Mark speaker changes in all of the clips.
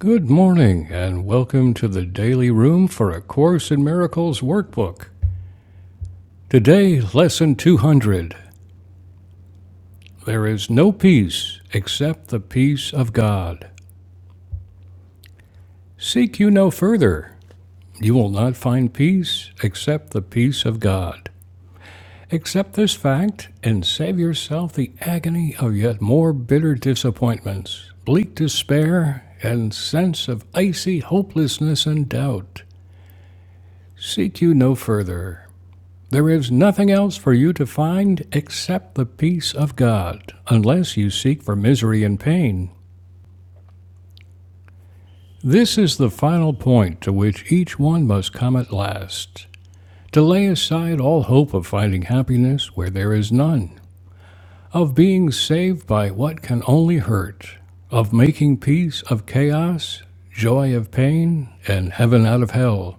Speaker 1: Good morning, and welcome to the Daily Room for A Course in Miracles workbook. Today, Lesson 200 There is no peace except the peace of God. Seek you no further. You will not find peace except the peace of God. Accept this fact and save yourself the agony of yet more bitter disappointments, bleak despair, and sense of icy hopelessness and doubt. Seek you no further. There is nothing else for you to find except the peace of God, unless you seek for misery and pain. This is the final point to which each one must come at last to lay aside all hope of finding happiness where there is none, of being saved by what can only hurt, of making peace of chaos, joy of pain, and heaven out of hell.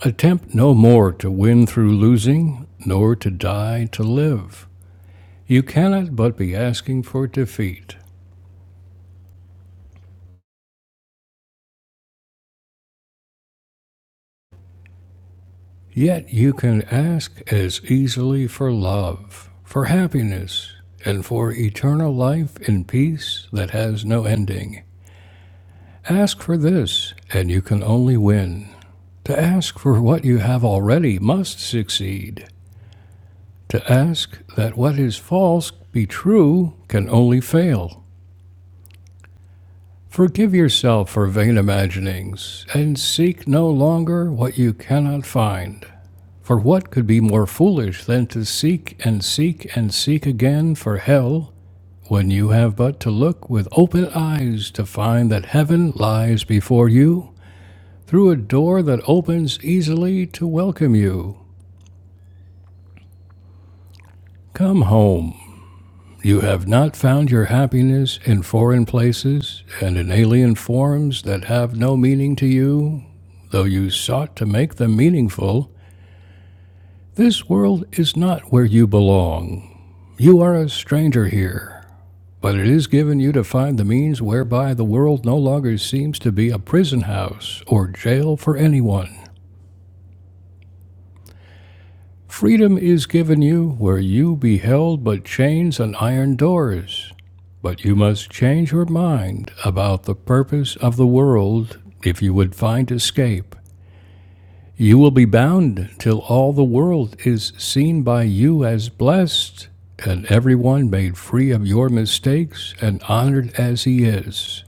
Speaker 1: Attempt no more to win through losing, nor to die to live. You cannot but be asking for defeat. Yet you can ask as easily for love, for happiness, and for eternal life in peace that has no ending. Ask for this, and you can only win. To ask for what you have already must succeed. To ask that what is false be true can only fail. Forgive yourself for vain imaginings, and seek no longer what you cannot find. For what could be more foolish than to seek and seek and seek again for hell, when you have but to look with open eyes to find that heaven lies before you, through a door that opens easily to welcome you? Come home. You have not found your happiness in foreign places and in alien forms that have no meaning to you, though you sought to make them meaningful. This world is not where you belong. You are a stranger here, but it is given you to find the means whereby the world no longer seems to be a prison house or jail for anyone. Freedom is given you where you beheld but chains and iron doors. But you must change your mind about the purpose of the world if you would find escape. You will be bound till all the world is seen by you as blessed, and everyone made free of your mistakes and honored as he is.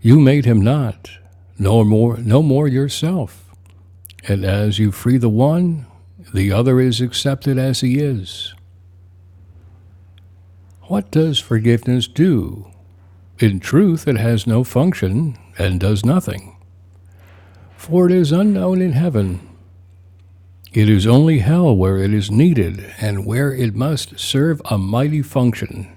Speaker 1: You made him not, no more, no more yourself. And as you free the one, the other is accepted as he is. What does forgiveness do? In truth, it has no function and does nothing. For it is unknown in heaven. It is only hell where it is needed, and where it must serve a mighty function.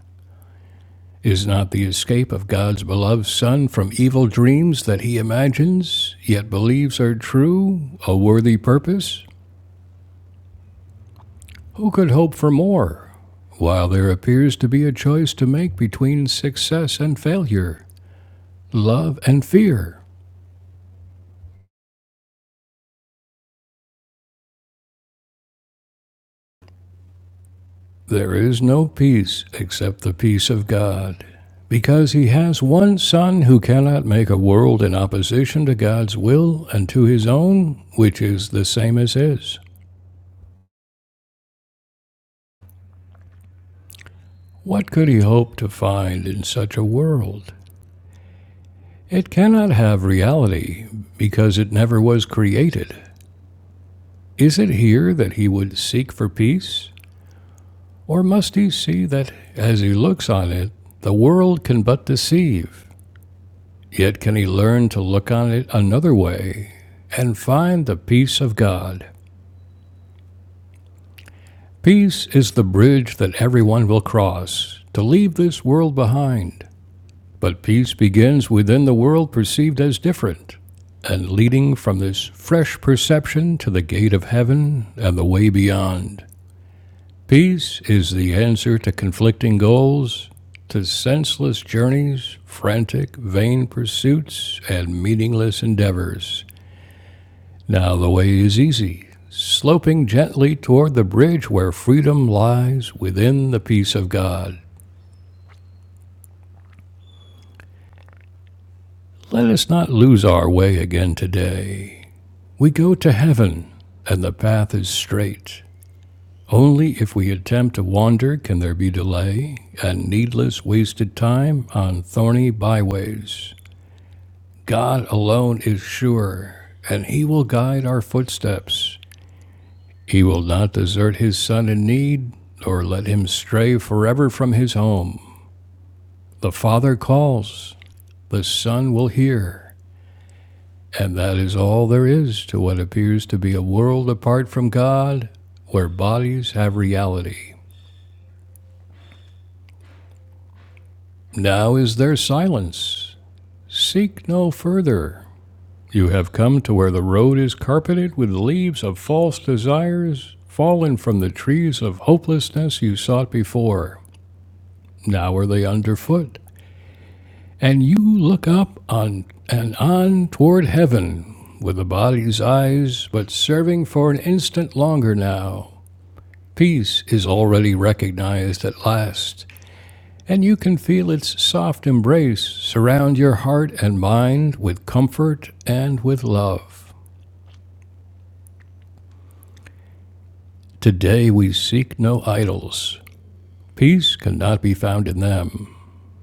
Speaker 1: Is not the escape of God's beloved Son from evil dreams that he imagines, yet believes are true, a worthy purpose? Who could hope for more? While there appears to be a choice to make between success and failure, love and fear, There is no peace except the peace of God, because he has one Son who cannot make a world in opposition to God's will and to his own, which is the same as his. What could he hope to find in such a world? It cannot have reality, because it never was created. Is it here that he would seek for peace? Or must he see that, as he looks on it, the world can but deceive? Yet can he learn to look on it another way and find the peace of God. Peace is the bridge that everyone will cross to leave this world behind. But peace begins within the world perceived as different. And leading from this fresh perception to the gate of heaven and the way beyond. Peace is the answer to conflicting goals, to senseless journeys, frantic, vain pursuits, and meaningless endeavors. Now the way is easy, sloping gently toward the bridge where freedom lies within the peace of God. Let us not lose our way again today. We go to heaven, and the path is straight. Only if we attempt to wander can there be delay and needless wasted time on thorny byways. God alone is sure, and He will guide our footsteps. He will not desert his son in need, nor let him stray forever from his home. The Father calls, the Son will hear, and that is all there is to what appears to be a world apart from God, where bodies have reality. Now is there silence. Seek no further. You have come to where the road is carpeted with leaves of false desires, fallen from the trees of hopelessness you sought before. Now are they underfoot. And you look up on and on toward heaven with the body's eyes but serving for an instant longer now. Peace is already recognized at last, and you can feel its soft embrace surround your heart and mind with comfort and with love. Today we seek no idols. Peace cannot be found in them.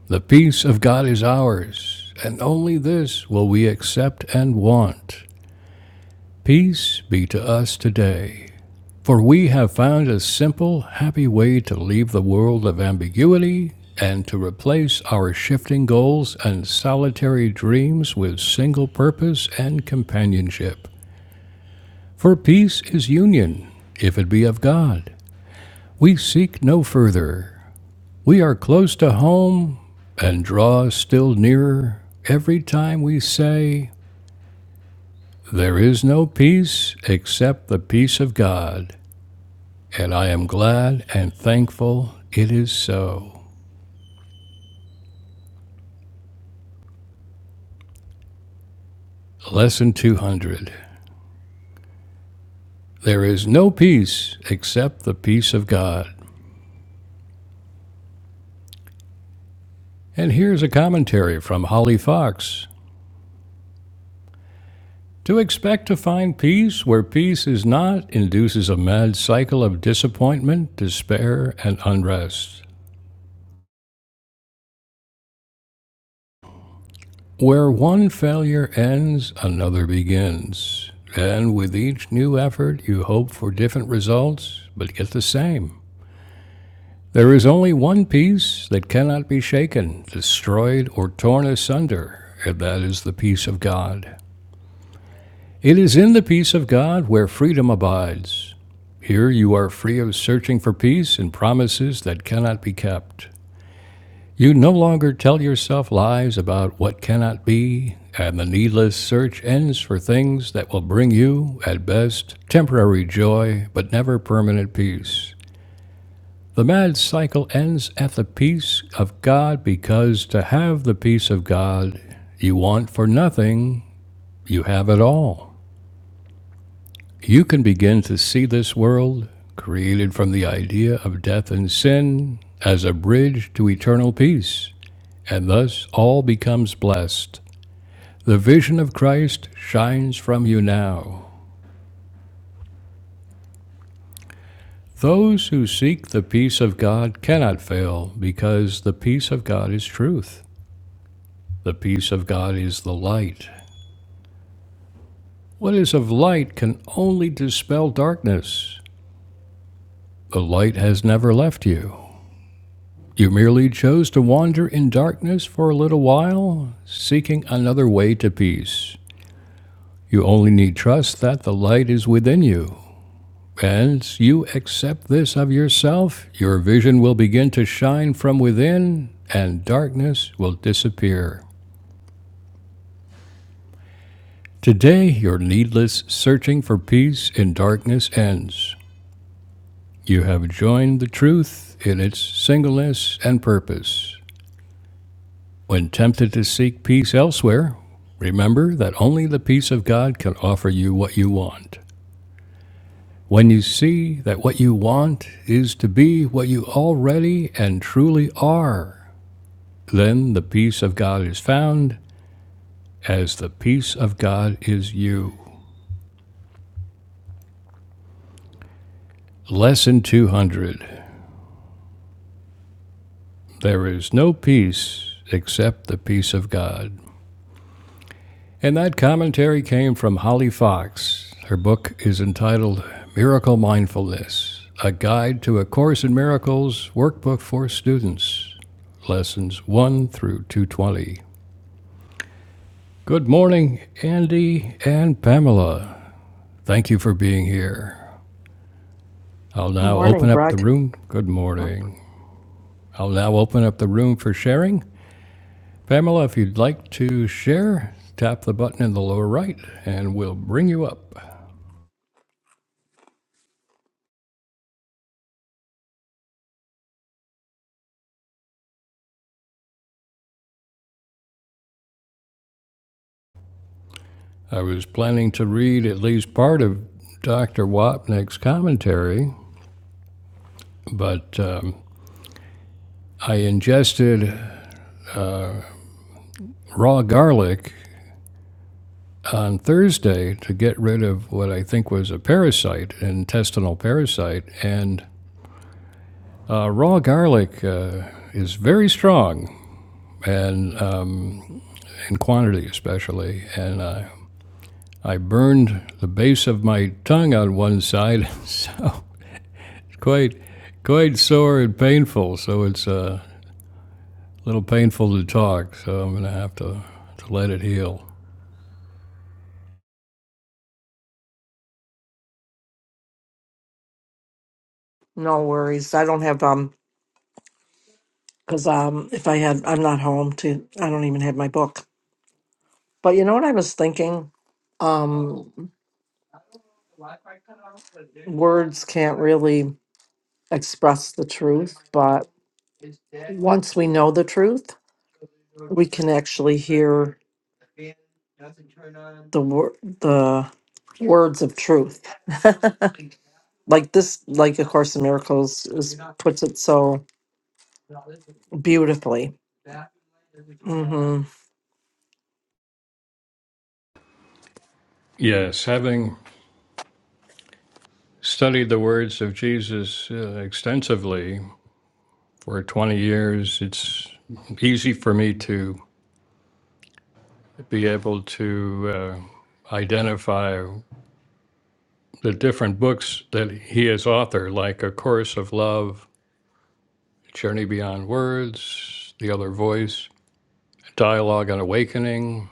Speaker 1: The peace of God is ours, and only this will we accept and want. Peace be to us today, for we have found a simple, happy way to leave the world of ambiguity and to replace our shifting goals and solitary dreams with single purpose and companionship. For peace is union, if it be of God. We seek no further. We are close to home and draw still nearer every time we say, There is no peace except the peace of God. And I am glad and thankful it is so. Lesson 200 There is no peace except the peace of God. And here's a commentary from Holly Fox. To expect to find peace where peace is not induces a mad cycle of disappointment, despair, and unrest. Where one failure ends, another begins. And with each new effort, you hope for different results, but get the same. There is only one peace that cannot be shaken, destroyed, or torn asunder, and that is the peace of God. It is in the peace of God where freedom abides. Here you are free of searching for peace and promises that cannot be kept. You no longer tell yourself lies about what cannot be, and the needless search ends for things that will bring you, at best, temporary joy, but never permanent peace. The mad cycle ends at the peace of God because to have the peace of God, you want for nothing, you have it all. You can begin to see this world, created from the idea of death and sin, as a bridge to eternal peace, and thus all becomes blessed. The vision of Christ shines from you now. Those who seek the peace of God cannot fail because the peace of God is truth. The peace of God is the light. What is of light can only dispel darkness. The light has never left you. You merely chose to wander in darkness for a little while, seeking another way to peace. You only need trust that the light is within you. And you accept this of yourself, your vision will begin to shine from within, and darkness will disappear. Today, your needless searching for peace in darkness ends. You have joined the truth in its singleness and purpose. When tempted to seek peace elsewhere, remember that only the peace of God can offer you what you want. When you see that what you want is to be what you already and truly are, then the peace of God is found as the peace of God is you. Lesson 200 There is no peace except the peace of God. And that commentary came from Holly Fox. Her book is entitled Miracle Mindfulness A Guide to a Course in Miracles Workbook for Students, Lessons 1 through 220. Good morning, Andy and Pamela. Thank you for being here. I'll now
Speaker 2: Morning,
Speaker 1: open up the
Speaker 2: Greg.
Speaker 1: room. Good
Speaker 2: Oh,
Speaker 1: morning. I'll now open up the room for sharing. Pamela, if you'd like to share, tap the button in the lower right and we'll bring you up. I was planning to read at least part of Dr. Wapnick's commentary, but um, I ingested raw garlic on Thursday to get rid of what I think was a parasite, an intestinal parasite. And uh, raw garlic uh, is very strong, and um, in quantity especially. And uh, I burned the base of my tongue on one side, so it's quite quite sore and painful. So it's uh, a little painful to talk, so I'm going to have to, to let it heal.
Speaker 2: No worries. I don't have um because um if I had I'm not home to I don't even have my book. But you know what I was thinking? Um words can't really express the truth, but once we know the truth, we can actually hear the wor- the words of truth. like this like a course in miracles is puts it so beautifully. hmm
Speaker 1: Yes, having studied the words of Jesus uh, extensively for 20 years, it's easy for me to be able to uh, identify the different books that he has authored, like A Course of Love, Journey Beyond Words, The Other Voice, Dialogue and Awakening,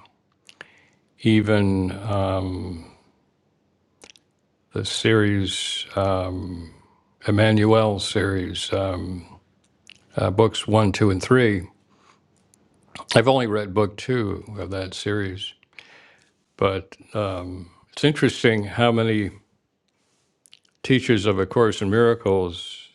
Speaker 1: even um, the series. um, Emmanuel series, um, uh, books one, two, and three. I've only read book two of that series, but um, it's interesting how many teachers of A Course in Miracles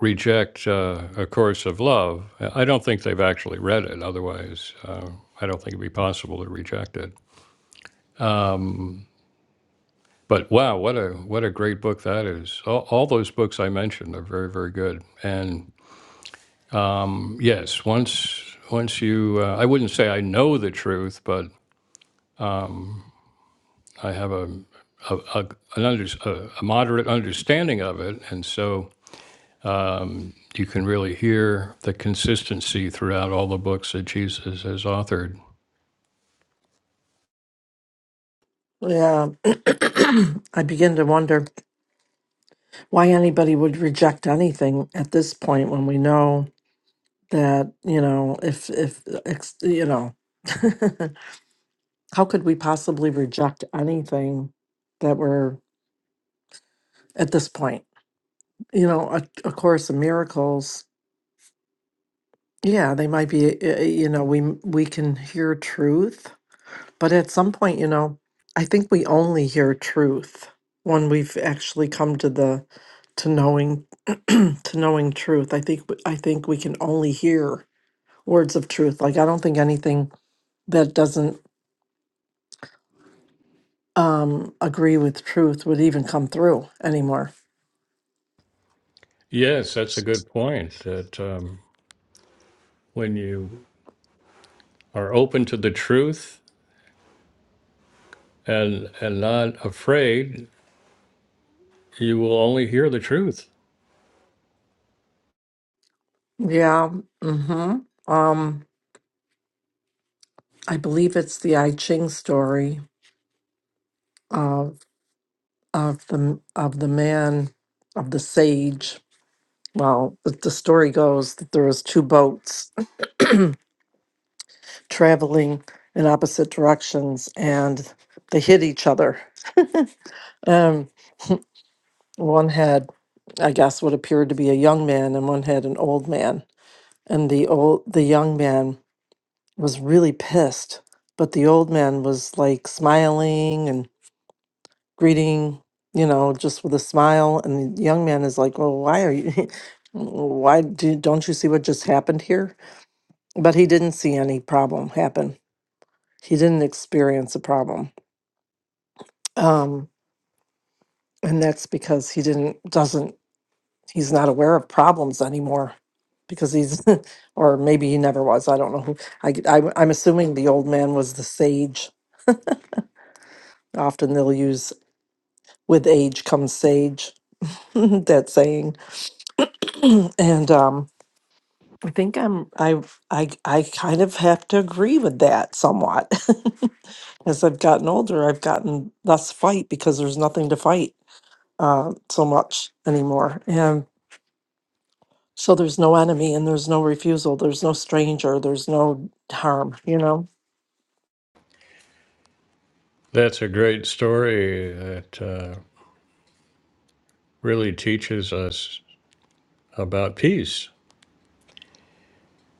Speaker 1: reject uh, A Course of Love. I don't think they've actually read it, otherwise, uh, I don't think it'd be possible to reject it. But wow, what a what a great book that is! All, all those books I mentioned are very very good. And yes, once once you, uh, I wouldn't say I know the truth, but um, I have a a, a, an under, a, a moderate understanding of it, and so um, you can really hear the consistency throughout all the books that Jesus has authored.
Speaker 2: Yeah. I begin to wonder why anybody would reject anything at this point when we know that, you know, if, if, ex- you know, how could we possibly reject anything that we're at this point? You know, a, a Course in Miracles, yeah, they might be, uh, you know, we, we can hear truth But at some point, you know, I think we only hear truth when we've actually come to the to knowing to knowing truth. I think w- I think we can only hear words of truth. Like I don't think anything that doesn't um agree with truth would even come through anymore.
Speaker 1: Yes, that's a good point. That um, when you are open to the truth and and not afraid, you will only hear the truth.
Speaker 2: Yeah. Mhm. Um I believe it's the I Ching story of of the of the man of the sage well, the, the story goes that there was two boats traveling in opposite directions and they hit each other. Um, one had, I guess, what appeared to be a young man, and one had an old man. And the old, the young man was really pissed, but the old man was like smiling and greeting, you know, just with a smile. And the young man is like, "Well, why are you? Why do, don't you see what just happened here?" But he didn't see any problem happen. He didn't experience a problem. Um. and that's because he didn't doesn't he's not aware of problems anymore because he's or maybe he never was i don't know who I, am assuming the old man was the sage often they'll use with age comes sage that saying and um i think i'm i i i kind of have to agree with that somewhat as i've gotten older i've gotten less fight because there's nothing to fight uh so much anymore So there's no enemy and there's no refusal. There's no stranger. There's no harm, you know?
Speaker 1: That's a great story that uh, really teaches us about peace.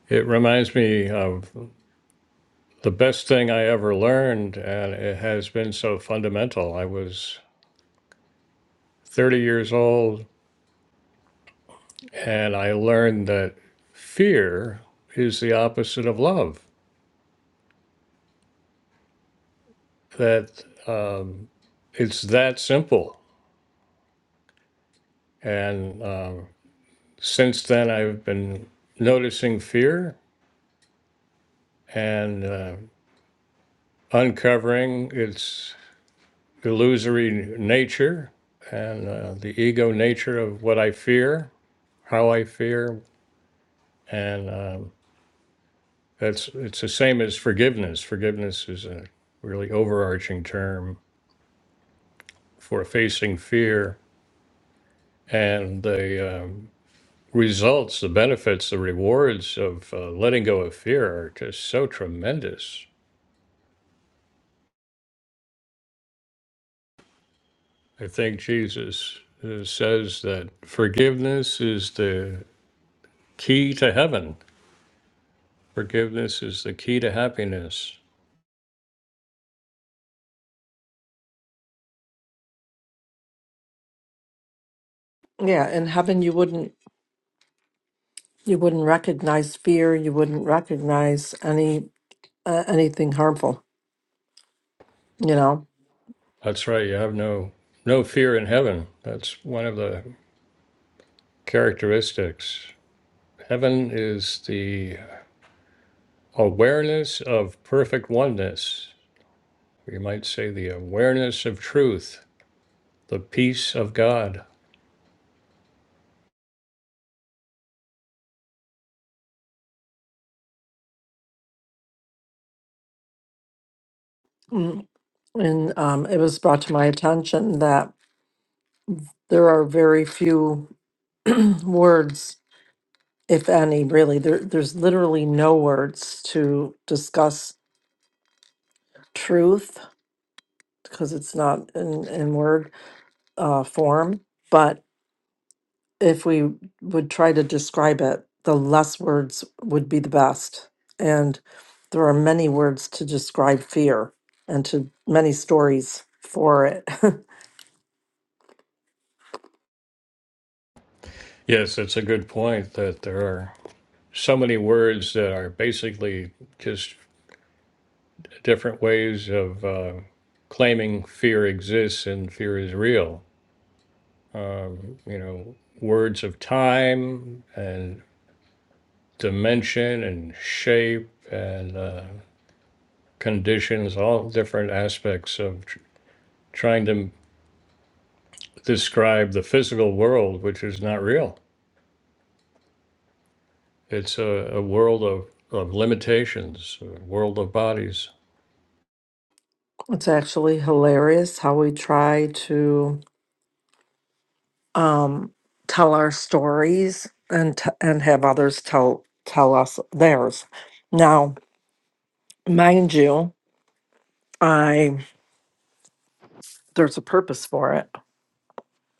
Speaker 1: It reminds me of the best thing I ever learned, and it has been so fundamental. I was 30 years old, and I learned that fear is the opposite of love, that um, it's that simple. And um, since then, I've been noticing fear and uh, uncovering its illusory nature and uh, the ego nature of what I fear, how I fear, and uh, That's it's the same as forgiveness. Forgiveness is a really overarching term for facing fear and the um, results, the benefits, the rewards of uh, letting go of fear are just so tremendous. I think Jesus uh, says that forgiveness is the key to heaven. Forgiveness is the key to happiness.
Speaker 2: Yeah. In heaven, you wouldn't, you wouldn't recognize fear. You wouldn't recognize any, uh, anything harmful, you know?
Speaker 1: That's right. You have no no fear in heaven. That's one of the characteristics. Heaven is the awareness of perfect oneness. You might say the awareness of truth, the peace of God.
Speaker 2: Mm. And um, it was brought to my attention that there are very few words, if any, really. There, there's literally no words to discuss truth because it's not in, in word uh, form. But if we would try to describe it, the less words would be the best. And there are many words to describe fear and to many stories for it.
Speaker 1: Yes, it's a good point that there are so many words that are basically just different ways of uh, claiming fear exists and fear is real. You know, words of time and dimension and shape and uh, conditions, all different aspects of tr- trying to describe the physical world, which is not real. It's a, a world of, of limitations, a world of bodies.
Speaker 2: it's actually hilarious how we try to um, tell our stories and t- and have others tell tell us theirs. Now, mind you, I there's a purpose for it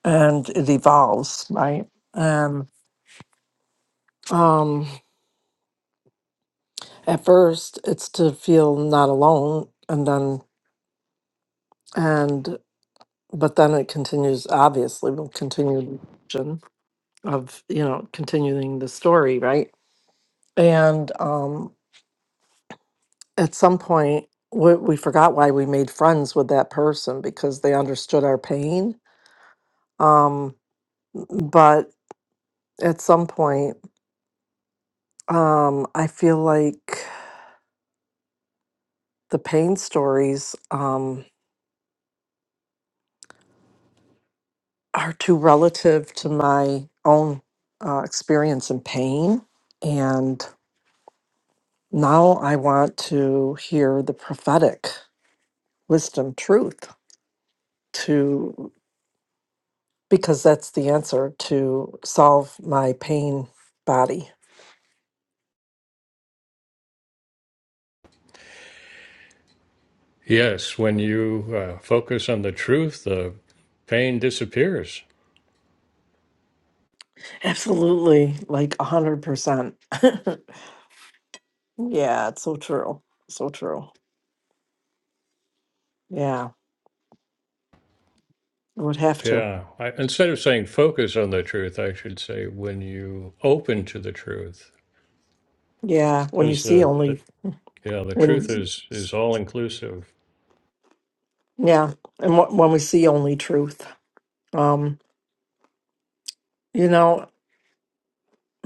Speaker 2: and it evolves, right? And um At first, it's to feel not alone, and then, and, but then it continues, obviously, will continue the action of, you know, continuing the story, right? And um, at some point, we, we forgot why we made friends with that person because they understood our pain. Um, but at some point, um, I feel like the pain stories. Um, are too relative to my own uh, experience and pain. And now I want to hear the prophetic wisdom truth to because that's the answer to solve my pain body.
Speaker 1: Yes, when you uh, focus on the truth, the pain disappears.
Speaker 2: Absolutely, like a hundred percent. Yeah, it's so true. So true. Yeah, I would have to.
Speaker 1: Yeah, I, instead of saying focus on the truth, I should say when you open to the truth.
Speaker 2: Yeah, when you
Speaker 1: There's
Speaker 2: see
Speaker 1: the,
Speaker 2: only
Speaker 1: the yeah, the
Speaker 2: when
Speaker 1: truth is is all inclusive
Speaker 2: yeah and wh- when we see only truth um you know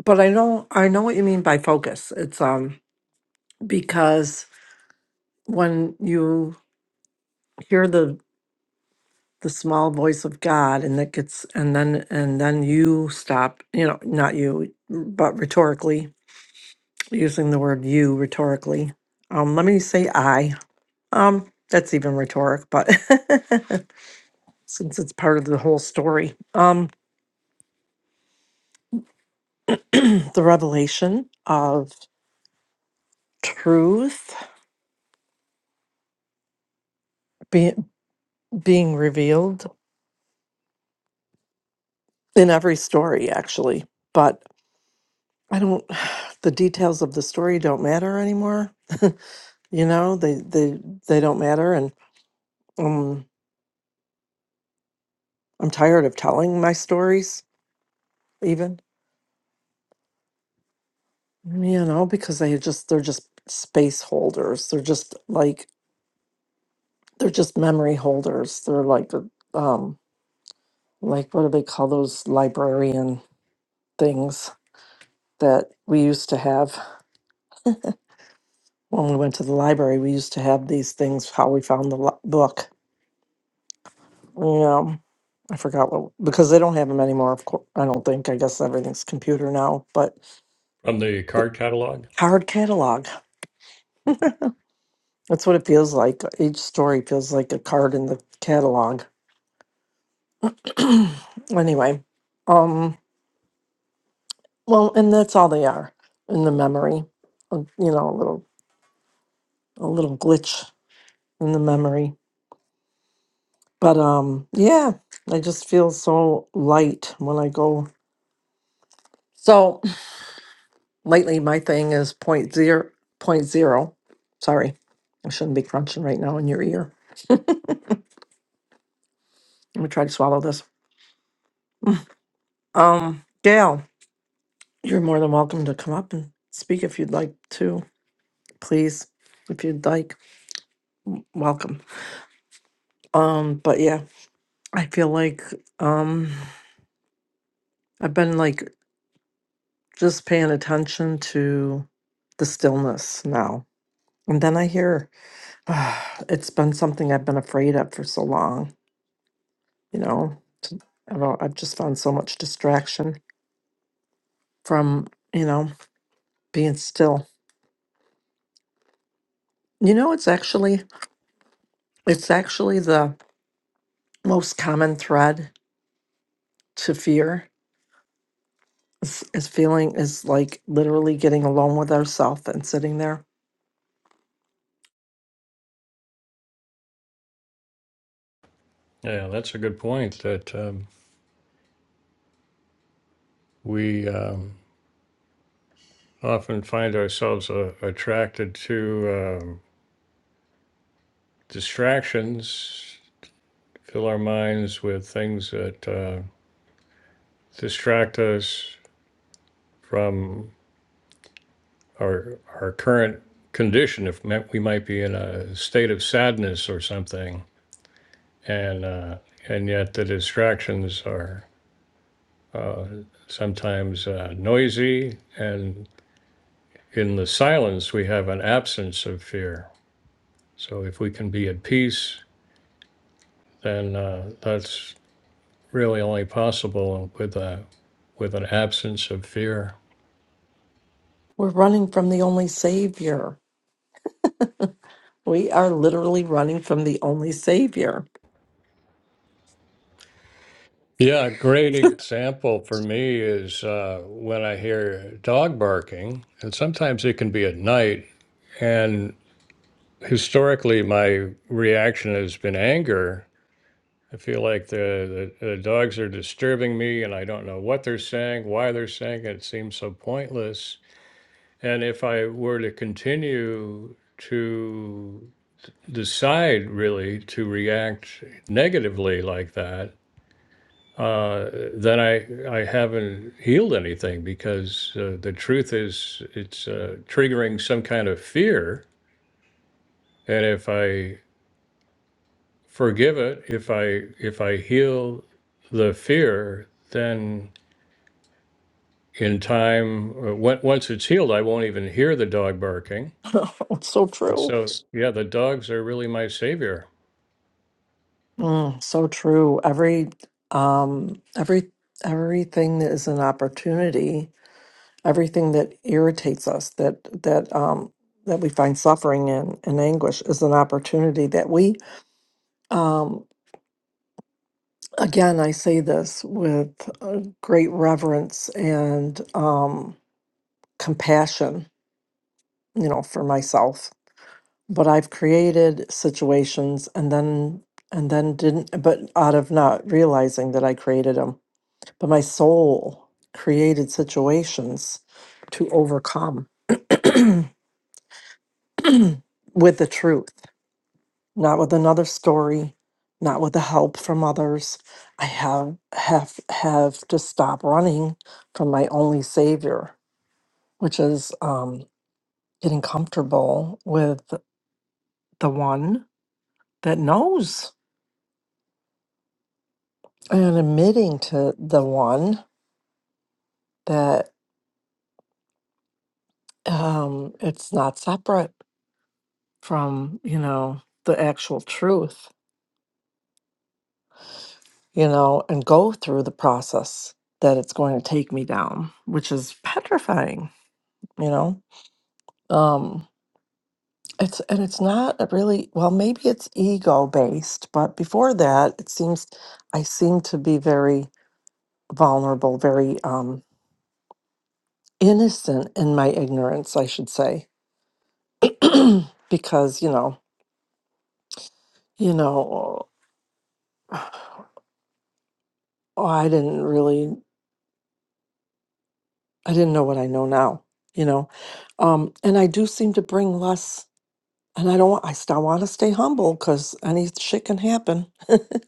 Speaker 2: but i know i know what you mean by focus it's um because when you hear the the small voice of god and that gets and then and then you stop you know not you but rhetorically using the word you rhetorically um let me say i um that's even rhetoric but since it's part of the whole story um the revelation of truth be, being revealed in every story actually but i don't the details of the story don't matter anymore you know they they they don't matter and um i'm tired of telling my stories even you know because they just they're just space holders they're just like they're just memory holders they're like the, um like what do they call those librarian things that we used to have when we went to the library, we used to have these things, how we found the li- book. Um, I forgot what, because they don't have them anymore, of course. I don't think. I guess everything's computer now, but
Speaker 1: from the card catalog.
Speaker 2: card catalog. That's what it feels like. Each story feels like a card in the catalog. anyway, um, well, and that's all they are in the memory, uh, you know, a little, a little glitch in the memory. But um, yeah, I just feel so light when I go. So lately my thing is point zero point zero sorry i shouldn't be crunching right now in your ear let me try to swallow this um gail you're more than welcome to come up and speak if you'd like to please if you'd like welcome um but yeah i feel like um i've been like just paying attention to the stillness now and then i hear it's been something i've been afraid of for so long you know t- I've, al- I've just found so much distraction from you know being still you know it's actually it's actually the most common thread to fear is, is feeling is like literally getting alone with ourselves and sitting there
Speaker 1: Yeah, that's a good point. That um, we um, often find ourselves uh, attracted to um, distractions, fill our minds with things that uh, distract us from our, our current condition. If mi- we might be in a state of sadness or something, and, uh, and yet the distractions are uh, sometimes uh, noisy, and in the silence, we have an absence of fear. So if we can be at peace, then uh, that's really only possible with a with an absence of fear.
Speaker 2: we're running from the only savior we are literally running from the only savior
Speaker 1: Yeah, a great example for me is uh, when I hear dog barking, and sometimes it can be at night. And historically, my reaction has been anger. I feel like the, the, the dogs are disturbing me, and I don't know what they're saying, why they're saying it. It seems so pointless. And if I were to continue to decide really to react negatively like that, uh, then I I haven't healed anything because uh, the truth is it's uh, triggering some kind of fear, and if I forgive it, if I if I heal the fear, then in time, uh, on- once it's healed, I won't even hear the dog barking.
Speaker 2: it's so
Speaker 1: And
Speaker 2: true
Speaker 1: so, yeah, the dogs are really my savior.
Speaker 2: Mm, so true every um every everything is an opportunity everything that irritates us that that um that we find suffering in and anguish is an opportunity that we um again i say this with uh, great reverence and um compassion you know for myself but i've created situations and then and then didn't but out of not realizing that i created them but my soul created situations to overcome with the truth not with another story, not with the help from others. I have have have to stop running from my only savior, which is um, getting comfortable with the one that knows and admitting to the one that um, it's not separate from you know the actual truth, you know, and go through the process that it's going to take me down, which is petrifying, you know. Um, It's and it's not a really well, maybe it's ego based, but before that, it seems I seem to be very vulnerable, very um innocent in my ignorance, I should say. because, you know, you know, oh, I didn't really I didn't know what I know now, you know. Um and I do seem to bring less and I don't I still want to stay humble because any shit can happen.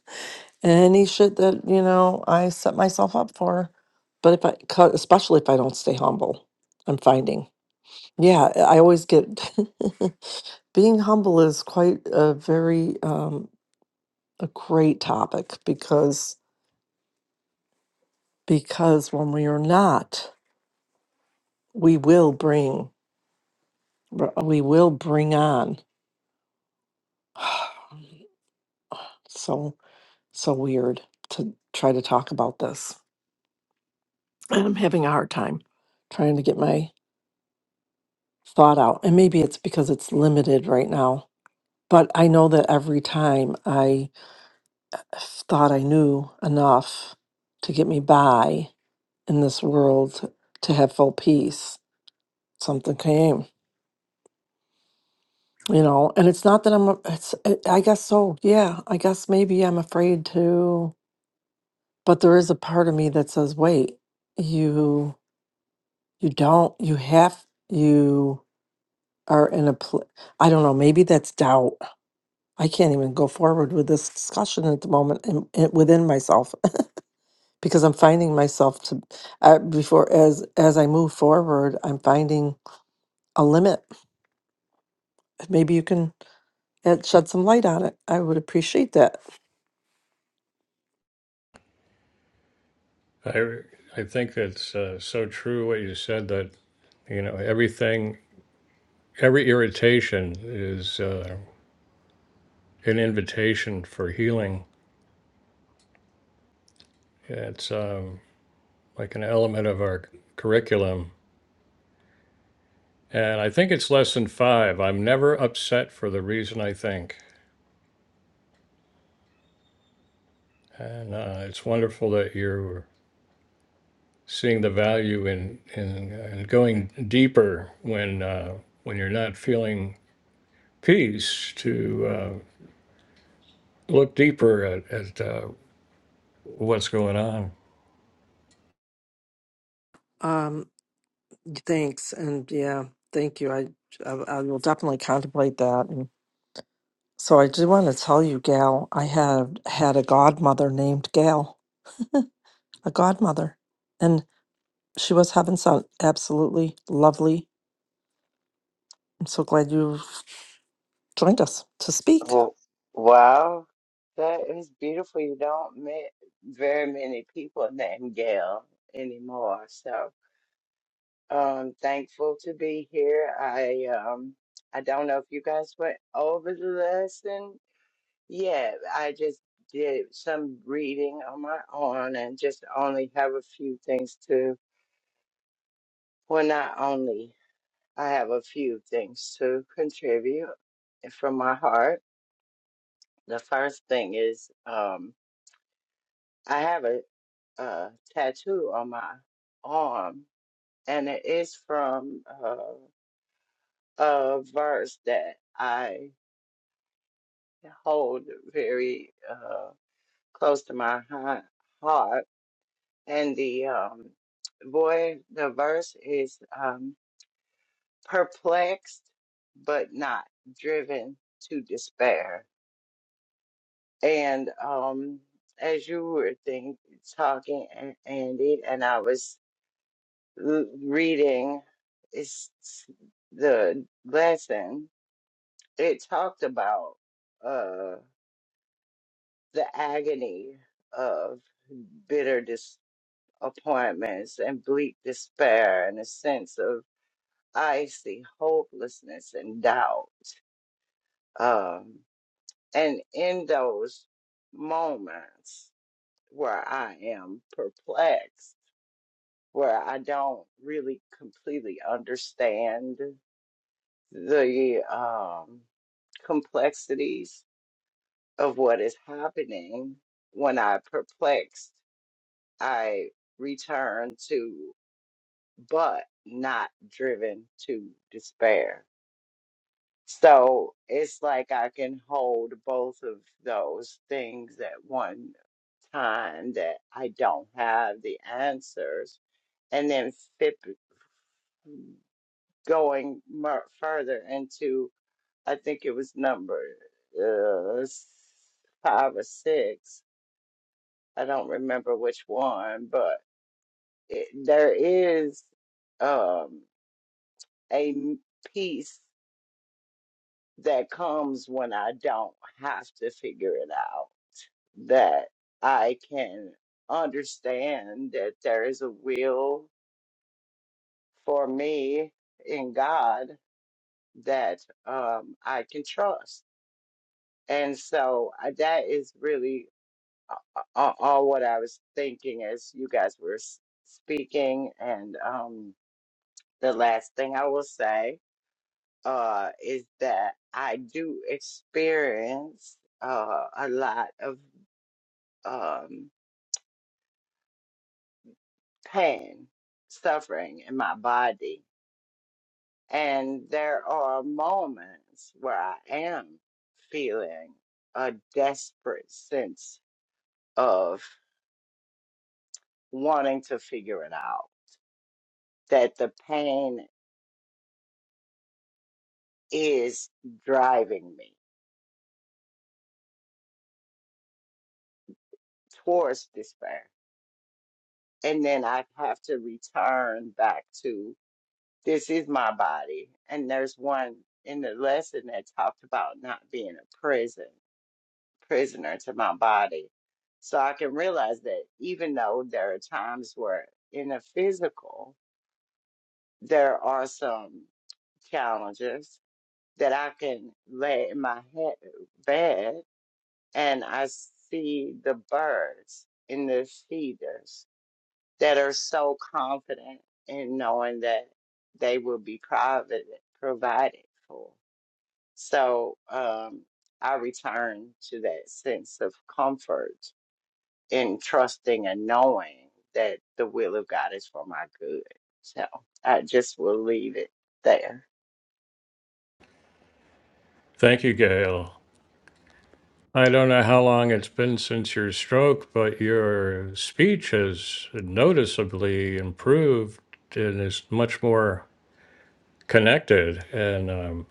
Speaker 2: any shit that you know I set myself up for. But if I, co- especially if I don't stay humble, I'm finding. Yeah, I always get. being humble is quite a very um, a great topic because because when we are not, we will bring we will bring on. so so weird to try to talk about this, and I'm having a hard time trying to get my thought out. And maybe it's because it's limited right now. But I know that every time I thought I knew enough to get me by in this world to have full peace, something came, you know. And it's not that I'm, a- it's, I I guess so. Yeah, I guess maybe I'm afraid to, but there is a part of me that says, wait, you, you don't, you have, you are in a, pl- I don't know, maybe that's doubt I can't even go forward with this discussion at the moment and, and within myself because I'm finding myself to uh, before as as I move forward, I'm finding a limit. Maybe you can uh, shed some light on it. I would appreciate that.
Speaker 1: I I think it's uh, so true what you said that You know, everything, every irritation is uh, an invitation for healing. It's um, like an element of our curriculum. And I think it's lesson five. I'm never upset for the reason I think. And uh, it's wonderful that you're seeing the value in, in, in going deeper when, uh, when you're not feeling peace to uh, look deeper at, at uh, what's going on.
Speaker 2: Um, thanks, and yeah, thank you. I I, I will definitely contemplate that. So I do want to tell you, Gail. I have had a godmother named Gail, a godmother, and she was having some absolutely lovely. I'm so glad you joined us to speak.
Speaker 3: Well, wow, that is beautiful. You don't meet very many people named Gail anymore. So um thankful to be here. I um I don't know if you guys went over the lesson yet. I just did some reading on my own and just only have a few things to, well, not only, I have a few things to contribute from my heart. The first thing is, um, I have a, uh tattoo on my arm, and it is from uh, a verse that I hold very uh, close to my hea- heart. And the um, boy, the verse is um, perplexed but not driven to despair. And um, as you were think, talking, A- Andy, and I was l- reading is the lesson it talked about uh the agony of bitter disappointments and bleak despair and a sense of icy hopelessness and doubt um and in those moments where i am perplexed where i don't really completely understand the um, complexities of what is happening when I perplexed, I return to, but not driven to despair. So it's like I can hold both of those things at one time that I don't have the answers, and then flip, mm, going mer- further into I think it was number uh, s- five or six. I don't remember which one, but it, there is um, a m- piece that comes when I don't have to figure it out, that I can understand that there is a will for me in God that um, I can trust. And so I- that is really all, all what I was thinking as you guys were s- speaking. And um, the last thing I will say uh, is that I do experience uh, a lot of um, pain, suffering in my body. And there are moments where I am feeling a desperate sense of wanting to figure it out. That the pain is driving me towards despair. And then I have to return back to this is my body. And there's one in the lesson that talked about not being a prison, prisoner to my body. So I can realize that even though there are times where in the physical, there are some challenges that I can lay in my head, bed and I see the birds in the feeders that are so confident in knowing that they will be provided provided for. So um, I return to that sense of comfort in trusting and knowing that the will of God is for my good. So I just will leave it there.
Speaker 1: Thank you, Gail. I don't know how long it's been since your stroke, but your speech has noticeably improved and is much more connected. And um,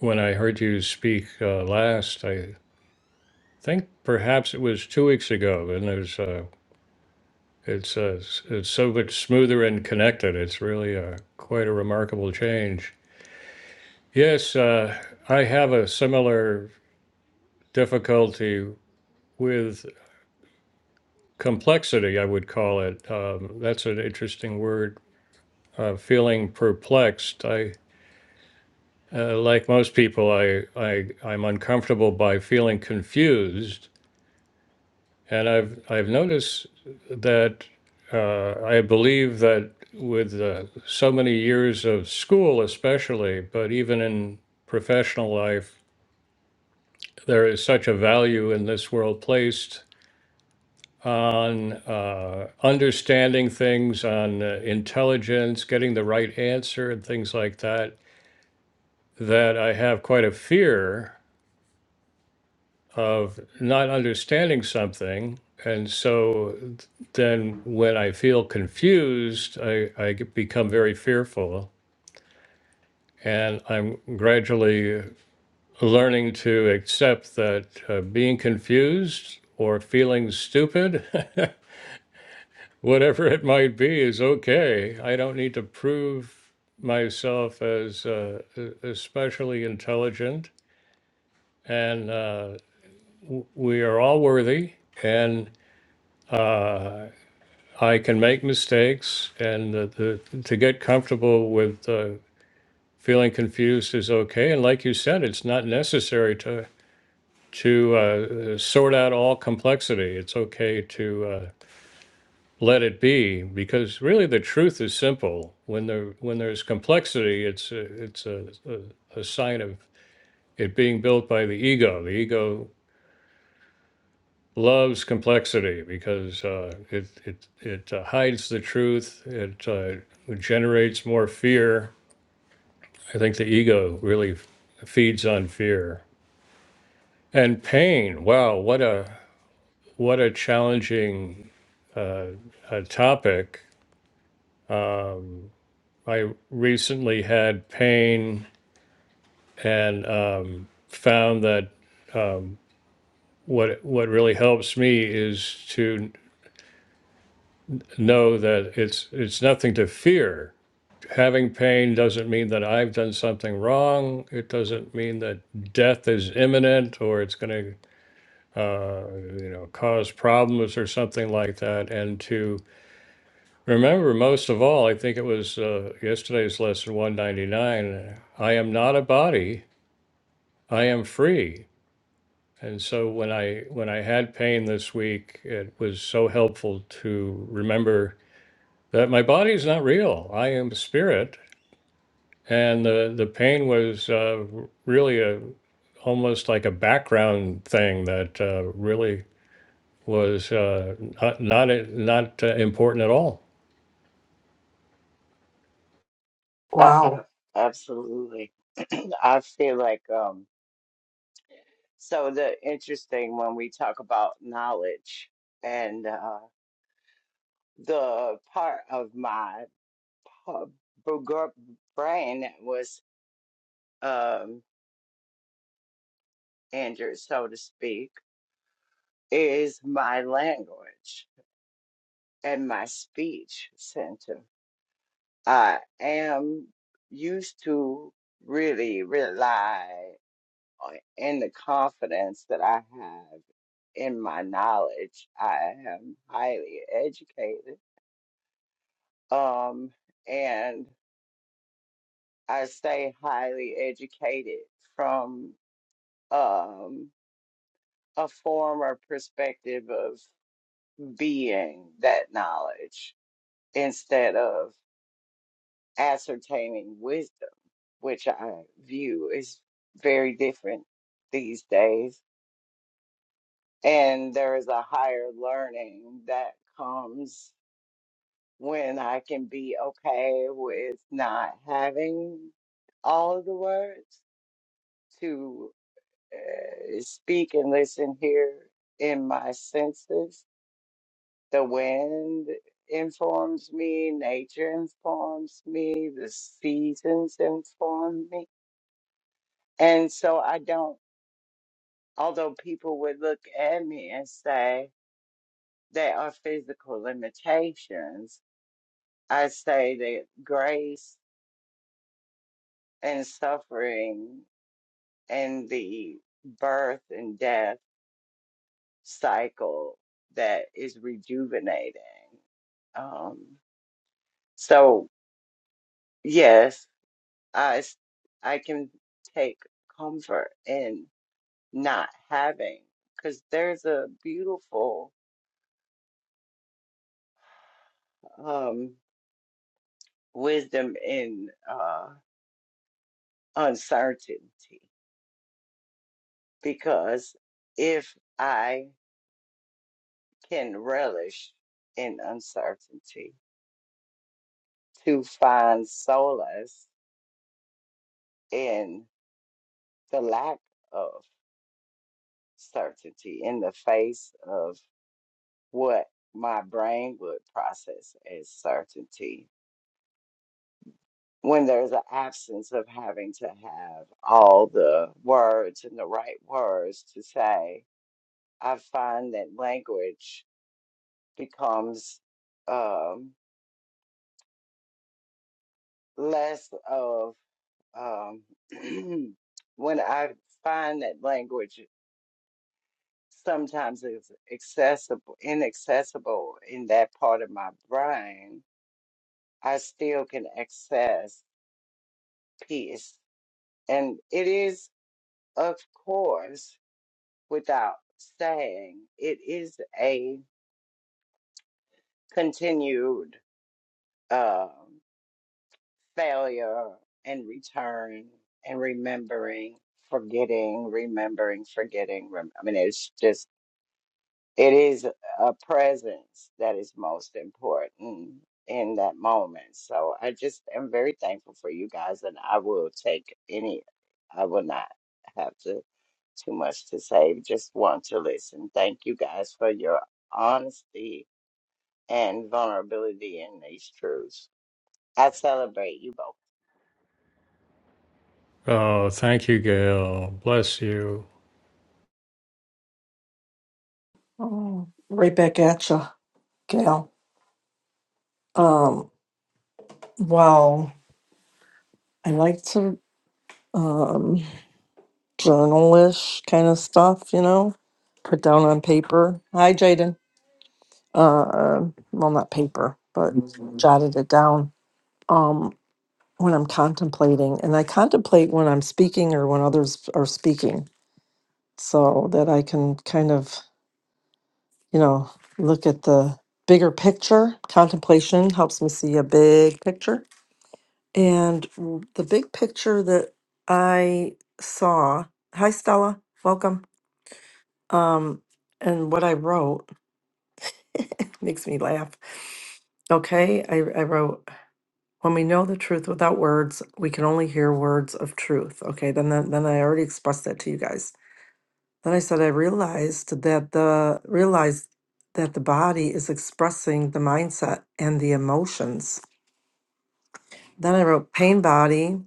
Speaker 1: when I heard you speak uh, last, I think perhaps it was two weeks ago, and there's uh, it's uh, s- it's so much smoother and connected. It's really uh, quite a remarkable change. Yes, uh, I have a similar difficulty with. complexity, I would call it. Um, that's an interesting word. Uh, feeling perplexed. I, uh, like most people, I, I, I'm uncomfortable by feeling confused, and I've, I've noticed that uh, I believe that with uh, so many years of school, especially, but even in professional life, there is such a value in this world placed on uh, understanding things, on uh, intelligence, getting the right answer, and things like that, that I have quite a fear of not understanding something. And so then when I feel confused, I, I get- become very fearful. And I'm gradually learning to accept that uh, being confused or feeling stupid whatever it might be is okay. I don't need to prove myself as uh, e- especially intelligent. And uh, we are all worthy. And uh, I can make mistakes. And the, the, to get comfortable with uh, feeling confused is okay. And like you said, it's not necessary to to uh, sort out all complexity. It's okay to. Uh, let it be because really the truth is simple when there when there's complexity it's a, it's a, a, a sign of it being built by the ego the ego loves complexity because uh, it it it uh, hides the truth it uh, generates more fear i think the ego really feeds on fear and pain wow what a what a challenging uh, a topic i recently had pain and um, found that what what really helps me is to know that it's it's nothing to fear. Having pain doesn't mean that I've done something wrong. It doesn't mean that death is imminent or it's going to uh, you know cause problems or something like that. And to remember most of all, I think it was uh, yesterday's lesson 199. I am not a body. I am free. And so when I when I had pain this week, it was so helpful to remember that my body is not real. I am spirit, and the the pain was uh, really a almost like a background thing that uh, really was uh, not not not uh, important at all.
Speaker 3: Uh, uh,
Speaker 2: Wow.
Speaker 3: absolutely, I feel like. Um, So the interesting when we talk about knowledge and uh, the part of my uh, bugger- brain that was um, injured, so to speak, is my language and my speech center. I am used to really rely on- in the confidence that I have in my knowledge. I am highly educated um, and I stay highly educated from um, a former perspective of being that knowledge instead of ascertaining wisdom, which I view is very different these days. And there is a higher learning that comes when I can be okay with not having all of the words to. uh, speak and listen here in my senses. The wind informs me, nature informs me, the seasons inform me. And so I don't, although people would look at me and say they are physical limitations, I say that grace and suffering and the birth and death cycle that is rejuvenating. Um, so yes, I s- I can take comfort in not having because there's a beautiful um, wisdom in uh, uncertainty because if I can relish in uncertainty to find solace in the lack of. certainty in the face of what my brain would process as certainty. When there's an absence of having to have all the words and the right words to say, I find that language becomes um, less of um, when I find that language sometimes is accessible, inaccessible in that part of my brain I still can access peace. And it is, of course, without saying, it is a continued um failure and return and remembering, forgetting, remembering, forgetting. rem- I mean, it's just It is a presence that is most important in that moment. So I just am very thankful for you guys, and I will take any, I will not have to too much to say. Just want to listen. Thank you guys for your honesty and vulnerability in these truths. I celebrate you both.
Speaker 1: Oh, thank you, Gail. Bless you.
Speaker 2: Oh, right back at you, Gail. Um, well, I like to um, journalish kind of stuff, you know, put down on paper. Hi, Jaden. Uh, well, not paper, but jotted it down. Um, when I'm contemplating, and I contemplate when I'm speaking or when others are speaking, so that I can kind of, you know, look at the bigger picture. Contemplation helps me see a big picture. And w- the big picture that I saw, hi Stella, welcome. Um, and what I wrote makes me laugh. Okay, I, I wrote. When we know the truth without words, we can only hear words of truth. Okay, then then, then I already expressed that to you guys. Then I said I realized that the realized that the body is expressing the mindset and the emotions. Then I wrote pain body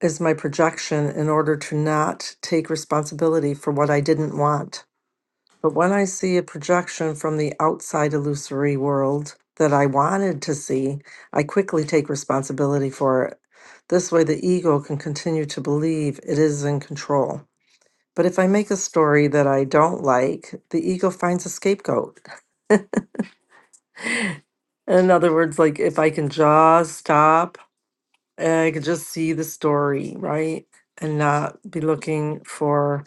Speaker 2: is my projection in order to not take responsibility for what I didn't want. But when I see a projection from the outside illusory world that I wanted to see, I quickly take responsibility for it. This way, the ego can continue to believe it is in control. But if I make a story that I don't like, the ego finds a scapegoat. In other words, like if I can just stop and I can just see the story, right? And not be looking for,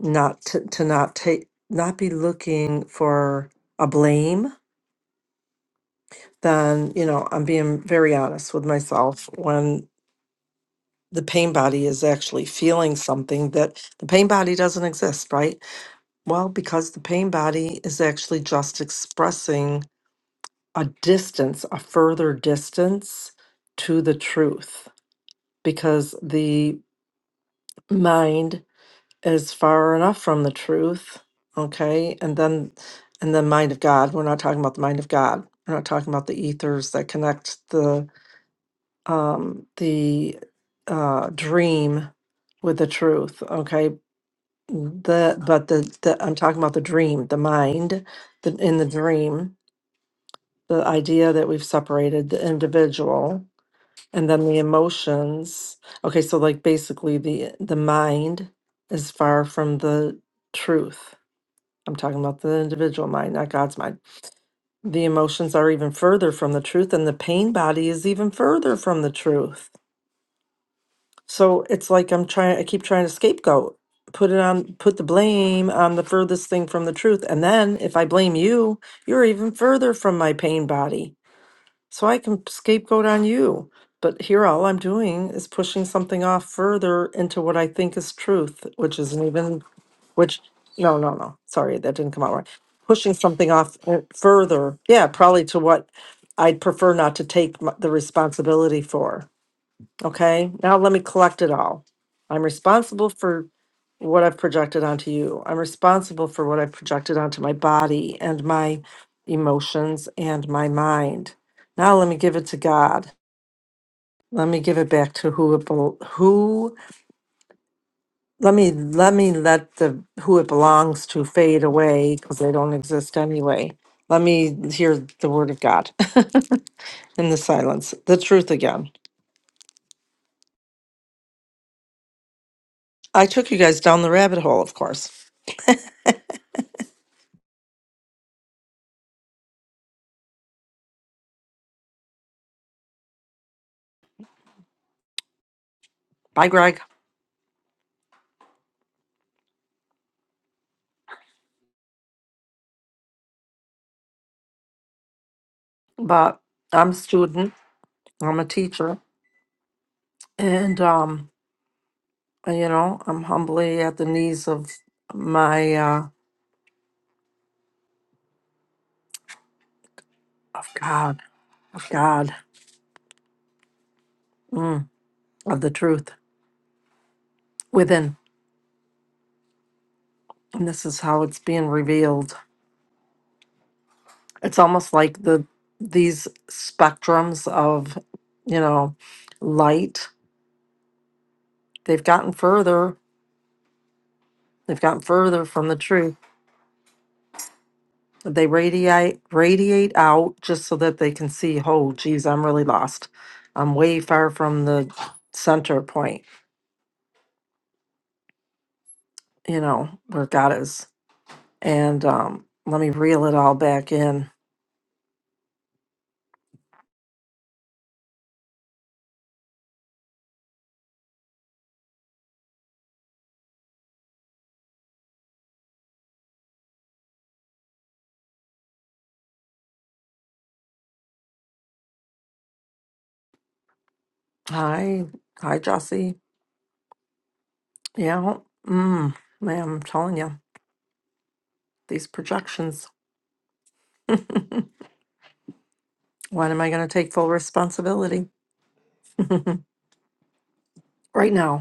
Speaker 2: not to, to not take, not be looking for a blame then you know i'm being very honest with myself when the pain body is actually feeling something that the pain body doesn't exist right well because the pain body is actually just expressing a distance a further distance to the truth because the mind is far enough from the truth okay and then and the mind of god we're not talking about the mind of god we're not talking about the ethers that connect the. um, the uh, dream with the truth. Okay, the but the, the I'm talking about the dream, the mind, the in the dream, the idea that we've separated the individual and then the emotions. Okay, so like basically the the mind is far from the truth. I'm talking about the individual mind, not God's mind. The emotions are even further from the truth, and the pain body is even further from the truth So it's like I'm trying, I keep trying to scapegoat, put it on, put the blame on the furthest thing from the truth. And then if I blame you, you're even further from my pain body. So I can scapegoat on you. But here, all I'm doing is pushing something off further into what I think is truth, which isn't even, which, no, no, no. Sorry, that didn't come out right. Pushing something off uh, further. Yeah, probably to what I'd prefer not to take m- the responsibility for. Okay, now let me collect it all. I'm responsible for what I've projected onto you. I'm responsible for what I've projected onto my body and my emotions and my mind. Now let me give it to God. Let me give it back to who it bel- who let me let me let the who it belongs to fade away because they don't exist anyway. Let me hear the word of God in the silence, the truth again. I took you guys down the rabbit hole, of course. Bye, Greg. but I'm a student, I'm a teacher, and um, you know, I'm humbly at the knees of my uh, of God, of God, mm, of the truth within, and this is how it's being revealed. It's almost like the these spectrums of you know light. They've gotten further. They've gotten further from the truth They radiate radiate out just so that they can see, oh, geez, I'm really lost. I'm way far from the center point, you know, where God is. And um, let me reel it all back in. Hi, hi, Jossie. Yeah, mm, man, I'm telling you, these projections. When am I going to take full responsibility? right now.